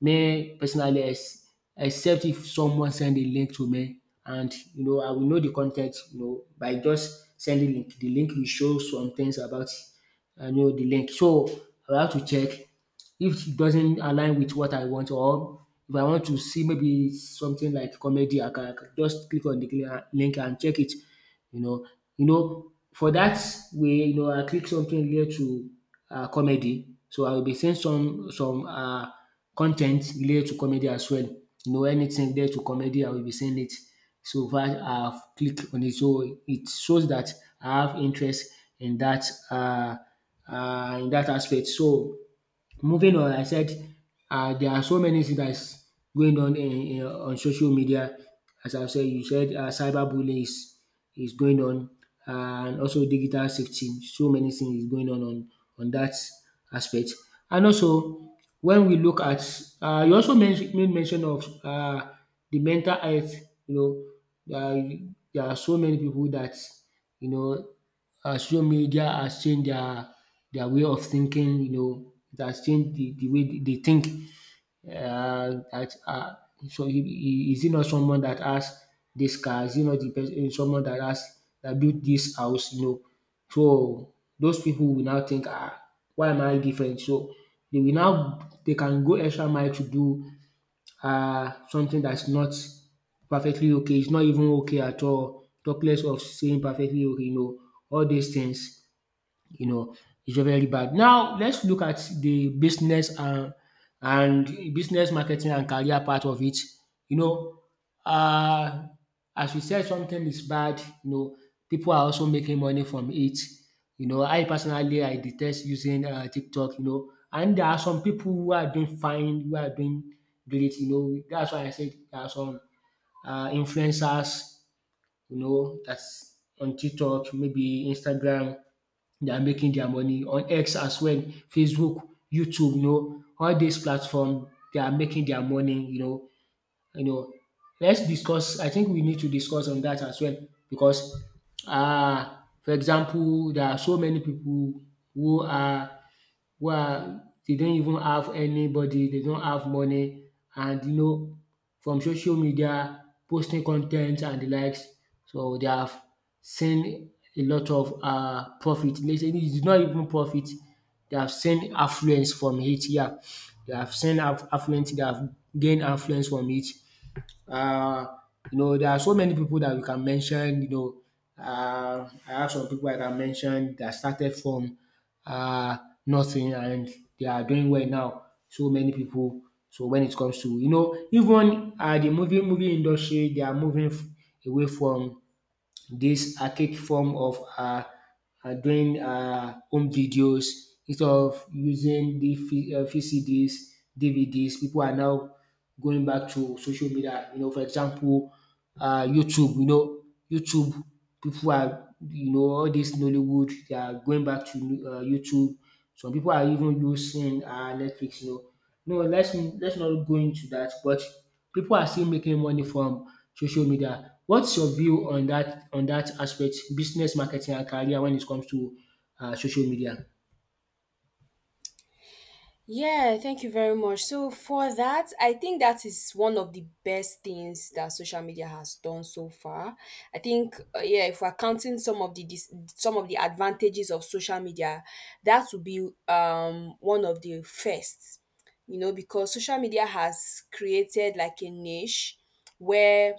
Speaker 1: Me personally, except if someone send a link to me, and you know I will know the content, you know, by just sending link. The link will show some things about, I know the link. So I will have to check if it doesn't align with what I want, or if I want to see maybe something like comedy, I can just click on the link and check it, you know. You know, for that way, you know, I click something related to comedy. So I will be seeing some con related to comedy as well. You know, anything related to comedy I will be sending it. So if I have clicked on it, so it shows that I have interest in that uh in that aspect. So moving on, I said there are so many things that is going on in on social media. As I said, you said cyberbullying is going on, and also digital safety. So many things is going on on that aspect. And also, when we look at, you also made mention of the mental health. You know, there are so many people that, you know, social media has changed their way of thinking. You know, it has changed the way they think. That So is it not someone that has this car? Is it not the person someone that has that built this house, you know? So those people will now think, ah, why am I different? So they will now, they can go extra mile to do something that's not perfectly okay, it's not even okay at all. Talk less of saying perfectly okay, you know. All these things, you know, it's very, very bad. Now let's look at the business and business, marketing and career part of it. You know, uh, as we said, something is bad. You know, people are also making money from it. You know, I personally I detest using TikTok. You know, and there are some people who are doing fine, who are doing great. You know, that's why I said there are some influencers. You know, that's on TikTok, maybe Instagram, they are making their money on X as well, Facebook, YouTube, you know, all these platforms. They are making their money, you know, you know. Let's discuss. I think we need to discuss on that as well because, uh, for example, there are so many people who are, where they don't even have anybody, they don't have money, and you know, from social media posting con and the likes, so they have seen a lot of profit. Let's say it is not even profit, they have seen affluence from it. Yeah, they have seen affluence, they have gained affluence from it. um, you know, there are so many people that we can mention, you know, I have some pipu I can mention dat started from um nothing, and they are doing well now. So many people. So when it comes to, you know, even the movie industry, they are moving away from this archaic form of doing home videos, instead of using the VCDs, DVDs. People are now going back to social media. You know, for example, YouTube, you know, YouTube. People are, you know, all this Nollywood, they are going back to YouTube. Some people are even using Netflix, you know. No, let's not go into that, but people are still making money from social media. What's your view on that? On that aspect, business, marketing and career when it comes to social media?
Speaker 2: Yeah, thank you very much. So for that, I think that is one of the best things that social media has done so far. I think yeah, if we're counting some of some of the advantages of social media, that would be one of the first. You know, because social media has created like a niche where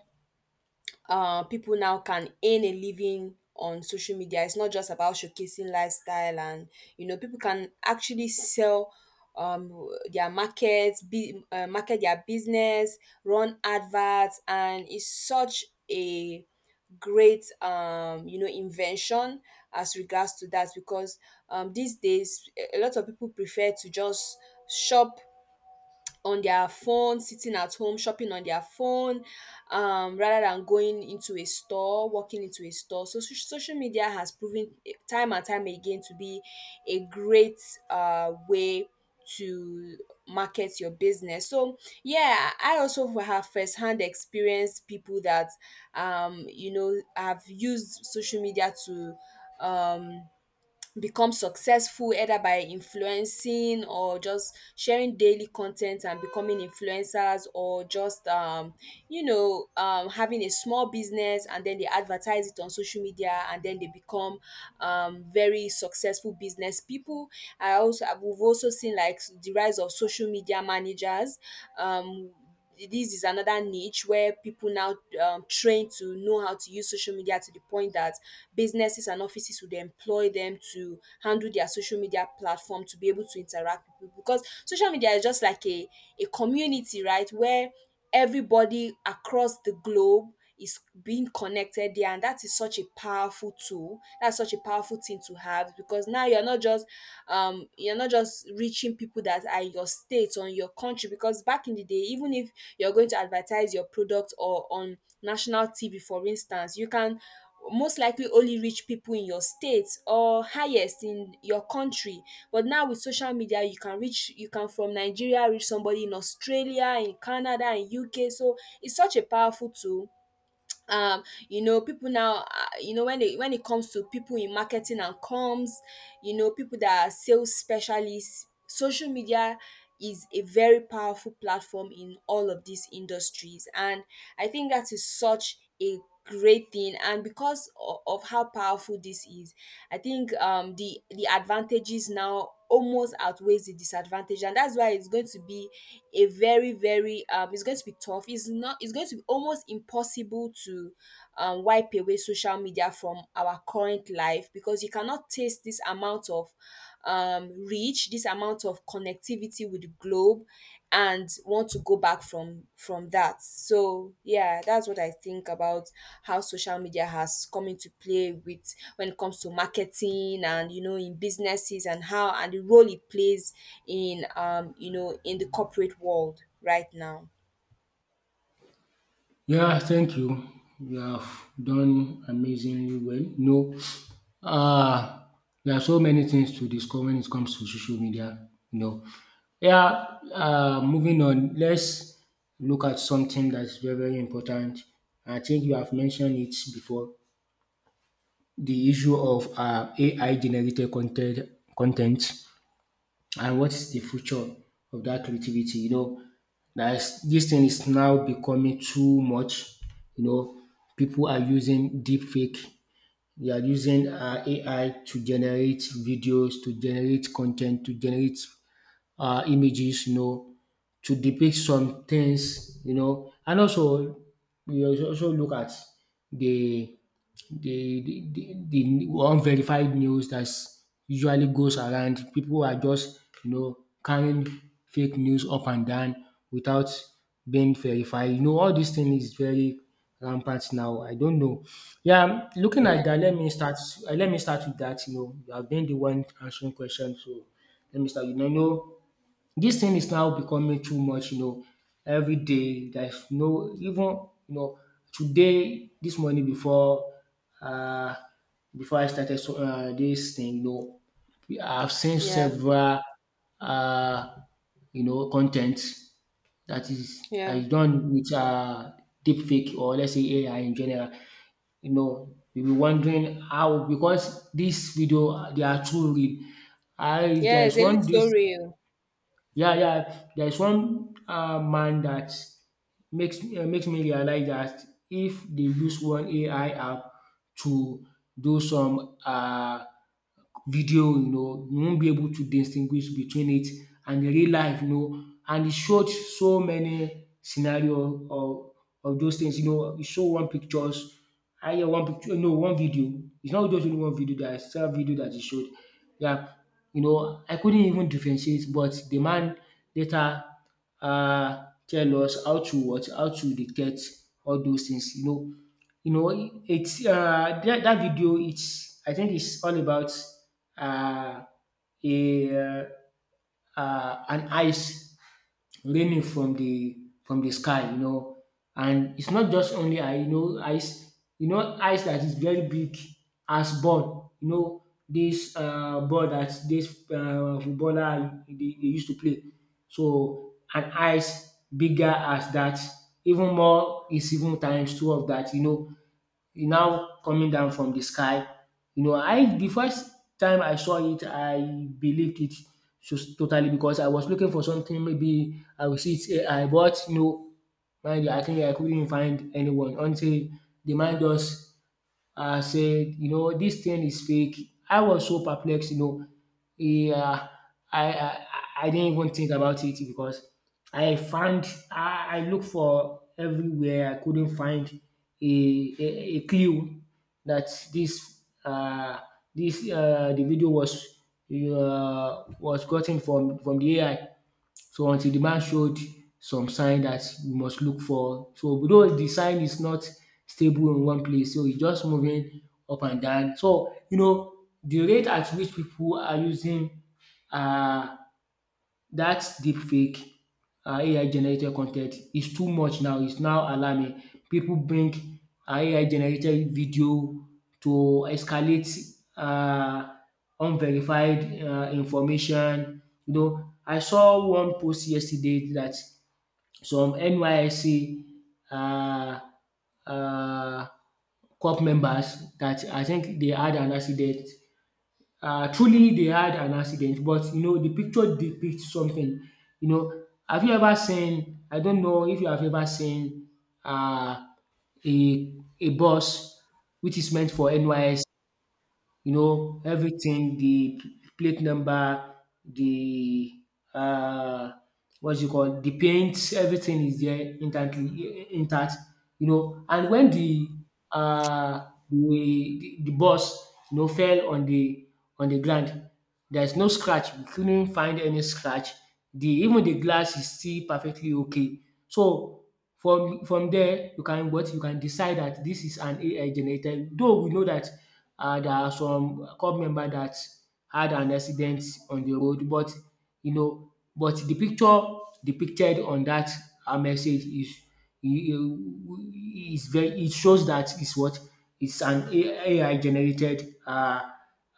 Speaker 2: people now can earn a living on social media. It's not just about showcasing lifestyle, and you know, people can actually sell um their markets, market their business, run adverts, and it's such a great, you know, invention as regards to that, because these days a lot of people prefer to just shop on their phone, sitting at home, shopping on their phone, rather than going into a store, walking into a store. So, social media has proven, eh, time and time again to be a great way to market your business. So, yeah, I also have firsthand experience, people that, you know, have used social media to um, become successful either by influencing or just sharing daily content and becoming influencers, or just you know, having a small business and then they advertise it on social media and then they become very successful business people. I also We've also seen like the rise of social media managers. um this is another niche where people now train to know how to use social media to the point that businesses and offices would employ them to handle their social media platform, to be able to interact with people, because social media is just like a community, right, where everybody across the globe is being connected there. And that is such a powerful tool. That's such a powerful thing to have, because now you're not just reaching people that are in your state or in your country. Because back in the day, even if you're going to advertise your product or on national TV, for instance, you can most likely only reach people in your state, or highest in your country. But now with social media, you can reach, you can from Nigeria reach somebody in Australia, in Canada, in UK. So it's such a powerful tool. um you know, people now, you know, when they, when it comes to people in marketing and comms, you know, people that are sales specialists, social media is a very powerful platform in all of these industries. And I think that is such a great thing. And because of how powerful this is, I think the advantages now almost outweighs the disadvantage. And that's why it's going to be a very it's going to be tough. It's not, it's going to be almost impossible to wipe away social media from our current life, because you cannot taste this amount of reach, this amount of connectivity with the globe, and want to go back from that. So yeah, that's what I think about how social media has come into play with, when it comes to marketing and, you know, in businesses, and how, and the role it plays in, you know, in the corporate world right now.
Speaker 1: Yeah, thank you. You have done amazingly well. No, uh, there are so many things to discuss when it comes to social media. You know, yeah. Moving on, let's look at something that's very, very important. I think you have mentioned it before. The issue of AI generated content, and what's the future of that creativity? You know, that is, this thing is now becoming too much. You know, people are using deep fake. They are using AI to generate videos, to generate content, to generate images, you know, to depict some things. You know, and also we also look at the the the unverified news that usually goes around. People are just, you know, carrying fake news up and down without being verified. You know, all these things is very rampant now. I don't know. Yeah, looking
Speaker 2: Yeah.
Speaker 1: at that, let me start. Let me start with that. You know, you have been the one answering questions, so let me start. You know, this thing is now becoming too much, you know. Everyday there's no even, you know, today, this morning, before um before I started dis thing, you know, I've seen
Speaker 2: Yeah.
Speaker 1: several um you know content that
Speaker 2: Yeah.
Speaker 1: is done with deep fake, or let's say AI in general. You know, you'll be wondering how, because this video, they are too real. I There
Speaker 2: Yes,
Speaker 1: is
Speaker 2: they look
Speaker 1: one
Speaker 2: so
Speaker 1: this.
Speaker 2: real.
Speaker 1: Yeah, yeah. There's one man that makes makes me realize that if they use one AI app to do some video, you know, you won't be able to distinguish between it and the real life, you know. And it showed so many scenario of those things, you know. It show one pictures I hear one picture, no, one video. It's not just only one video. There are several video that he showed. Yeah, you know, I couldn't even differentiate, but the man later tell us how to what, how to detect all those things, you know. You know, it's that video. It's I think it's all about uh, a an ice raining from the sky. You know, and it's not just only I You know, ice. You know, ice that is very big as ball. You know, this ball that this footballer they used to play. So an ice bigger as that, even more is even times two of that. You know, e now coming down from the sky. You know, I the first time I saw it, I believed it just totally because I was looking for something maybe I will see it's AI but no mind you I think I couldn't find anyone until the man just said, you know this thing is fake. I was so perplexed you know. Yeah, I I I didn't even think about it because I found I look for everywhere I couldn't find a clue that this this the video was gotten from the AI. So until the man showed some sign that we must look for. So though the sign is not stable in one place, so it's just moving up and down. So you know the rate at which people are using uh that deepfake AI generated content. Ten is too much now. It's now alarming. People bring AI generated video to escalate um unverified information. You know, I saw one post yesterday that some NYSC um um corp members that I think they had an accident truly they had an accident but you know the picture depicts something. You know have you ever seen I don't know if you have ever seen um a a bus which is meant for NYS you know, everything, the plate number, the uh, what's it called, the paint, everything is there instantly intact, you know. And when the the the boss you know fell on the ground, there's no scratch. We couldn't find any scratch. The even the glass is still perfectly okay. So from there you can what? You can decide that this is an AI generated though we know that, there are some club member that had an accident on the road but you know but the picture depicted on that message is very it shows that is what? Is an AI generated uh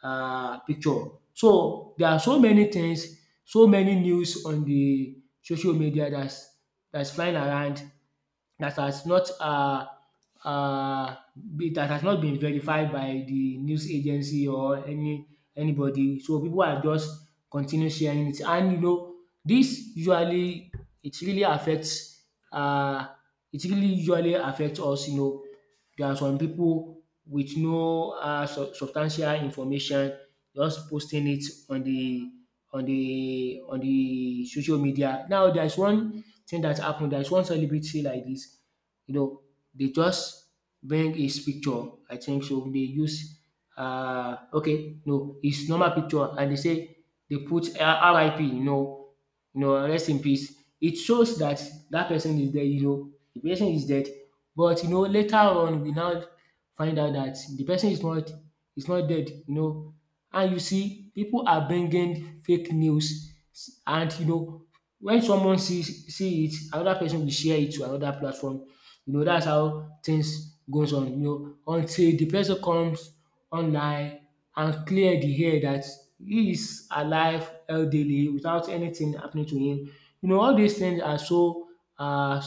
Speaker 1: uh picture. So there are so many things, so many news on the social media that's flying around that has not um be that has not been verified by the news agency or any anybody. So people are just continue sharing it and you know this usually it really affects um it really usually affects us you know. There are some people with no substantial information just posting it on the on the on the social media. Now there's one thing that happened. There's one celebrity like this, you know, they just bring his picture. I think so. They use okay, no, his normal picture and they say they put RIP, you know, rest in peace. It shows that that person is dead, you know, the person is dead. But you know, later on we now find out that the person is not dead, you know. And you see, people are bringing fake news, and you know, when someone see it, another person will share it to another platform. You know that's how things goes on you know until the person comes online and clear the air that he is alive elderly, without anything happening to him. You know all these things are are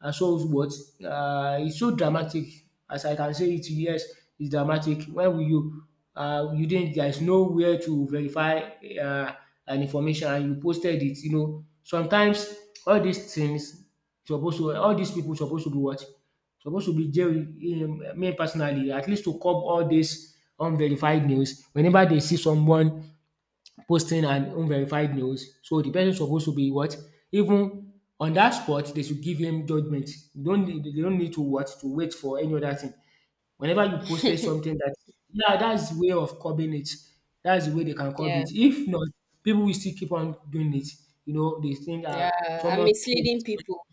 Speaker 1: are so what? It's so dramatic as I can say it yes it's dramatic when will you you didn't there is nowhere to verify uh an information and you posted it you know. Sometimes all these things Supposed to all these people supposed to be what? Supposed to be jailed me personally at least to curb all this unverified news. Whenever they see someone posting an unverified news, so the person supposed to be what? Even on that spot they should give him judgement. You don't need they don't need to what? To wait for any other thing. Whenever you posted something that yeah, that's the way of curbing it. That's the way they can curb
Speaker 2: Yeah.
Speaker 1: it. If not, people will still keep on doing it. You know, they think
Speaker 2: Yeah. And
Speaker 1: someone
Speaker 2: misleading people.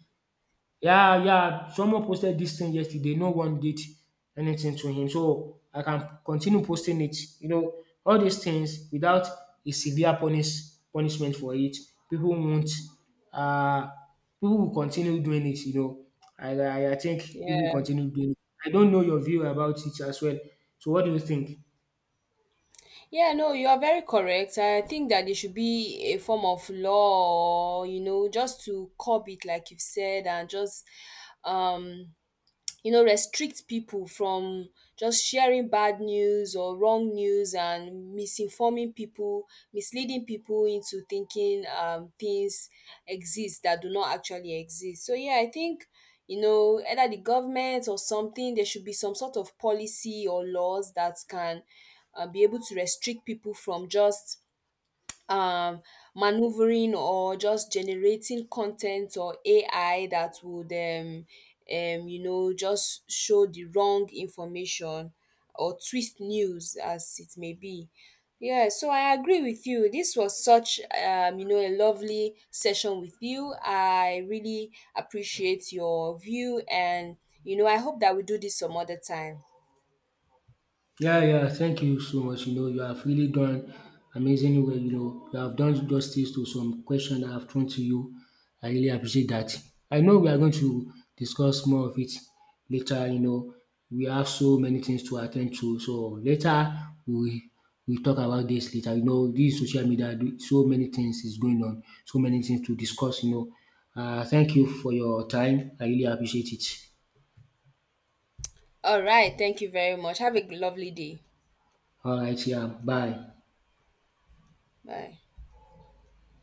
Speaker 1: yeah, yeah, someone posted this thing yesterday. No one did anything to him. So I can continue posting it. You know, all these things without a severe punish punishment for it, people won't uh people will continue doing it, you know. I think people will
Speaker 2: Yeah.
Speaker 1: continue doing it. I don't know your view about it as well. So what do you think?
Speaker 2: Yeah, no, you are very correct. I think that it should be a form of law, you know, just to curb it, like you've said. And just um you know, restrict people from just sharing bad news or wrong news and misinforming people, misleading people into thinking things exist that do not actually exist. So yeah, I think, you know, either the government or something, there should be some sort of policy or laws that can be able to restrict people from just um maneuvering or just generating content or AI that would you know just show the wrong information or twist news as it may be. Yeah, so I agree with you. This was such, you know, a lovely session with you. I really appreciate your view, and you know, I hope that we do this some other time.
Speaker 1: Yeah, yeah, thank you so much. You know, you have really done amazingly well. You know, you have done justice to some questions that I've thrown to you. I really appreciate that. I know we are going to discuss more of it later. You know, we have so many things to attend to. So later we we talk about this later. You know, this social media, so many things is going on, so many things to discuss. You know, thank you for your time. I really appreciate it.
Speaker 2: All right, thank you very much. Have a lovely day.
Speaker 1: All right, yeah, bye.
Speaker 2: Bye.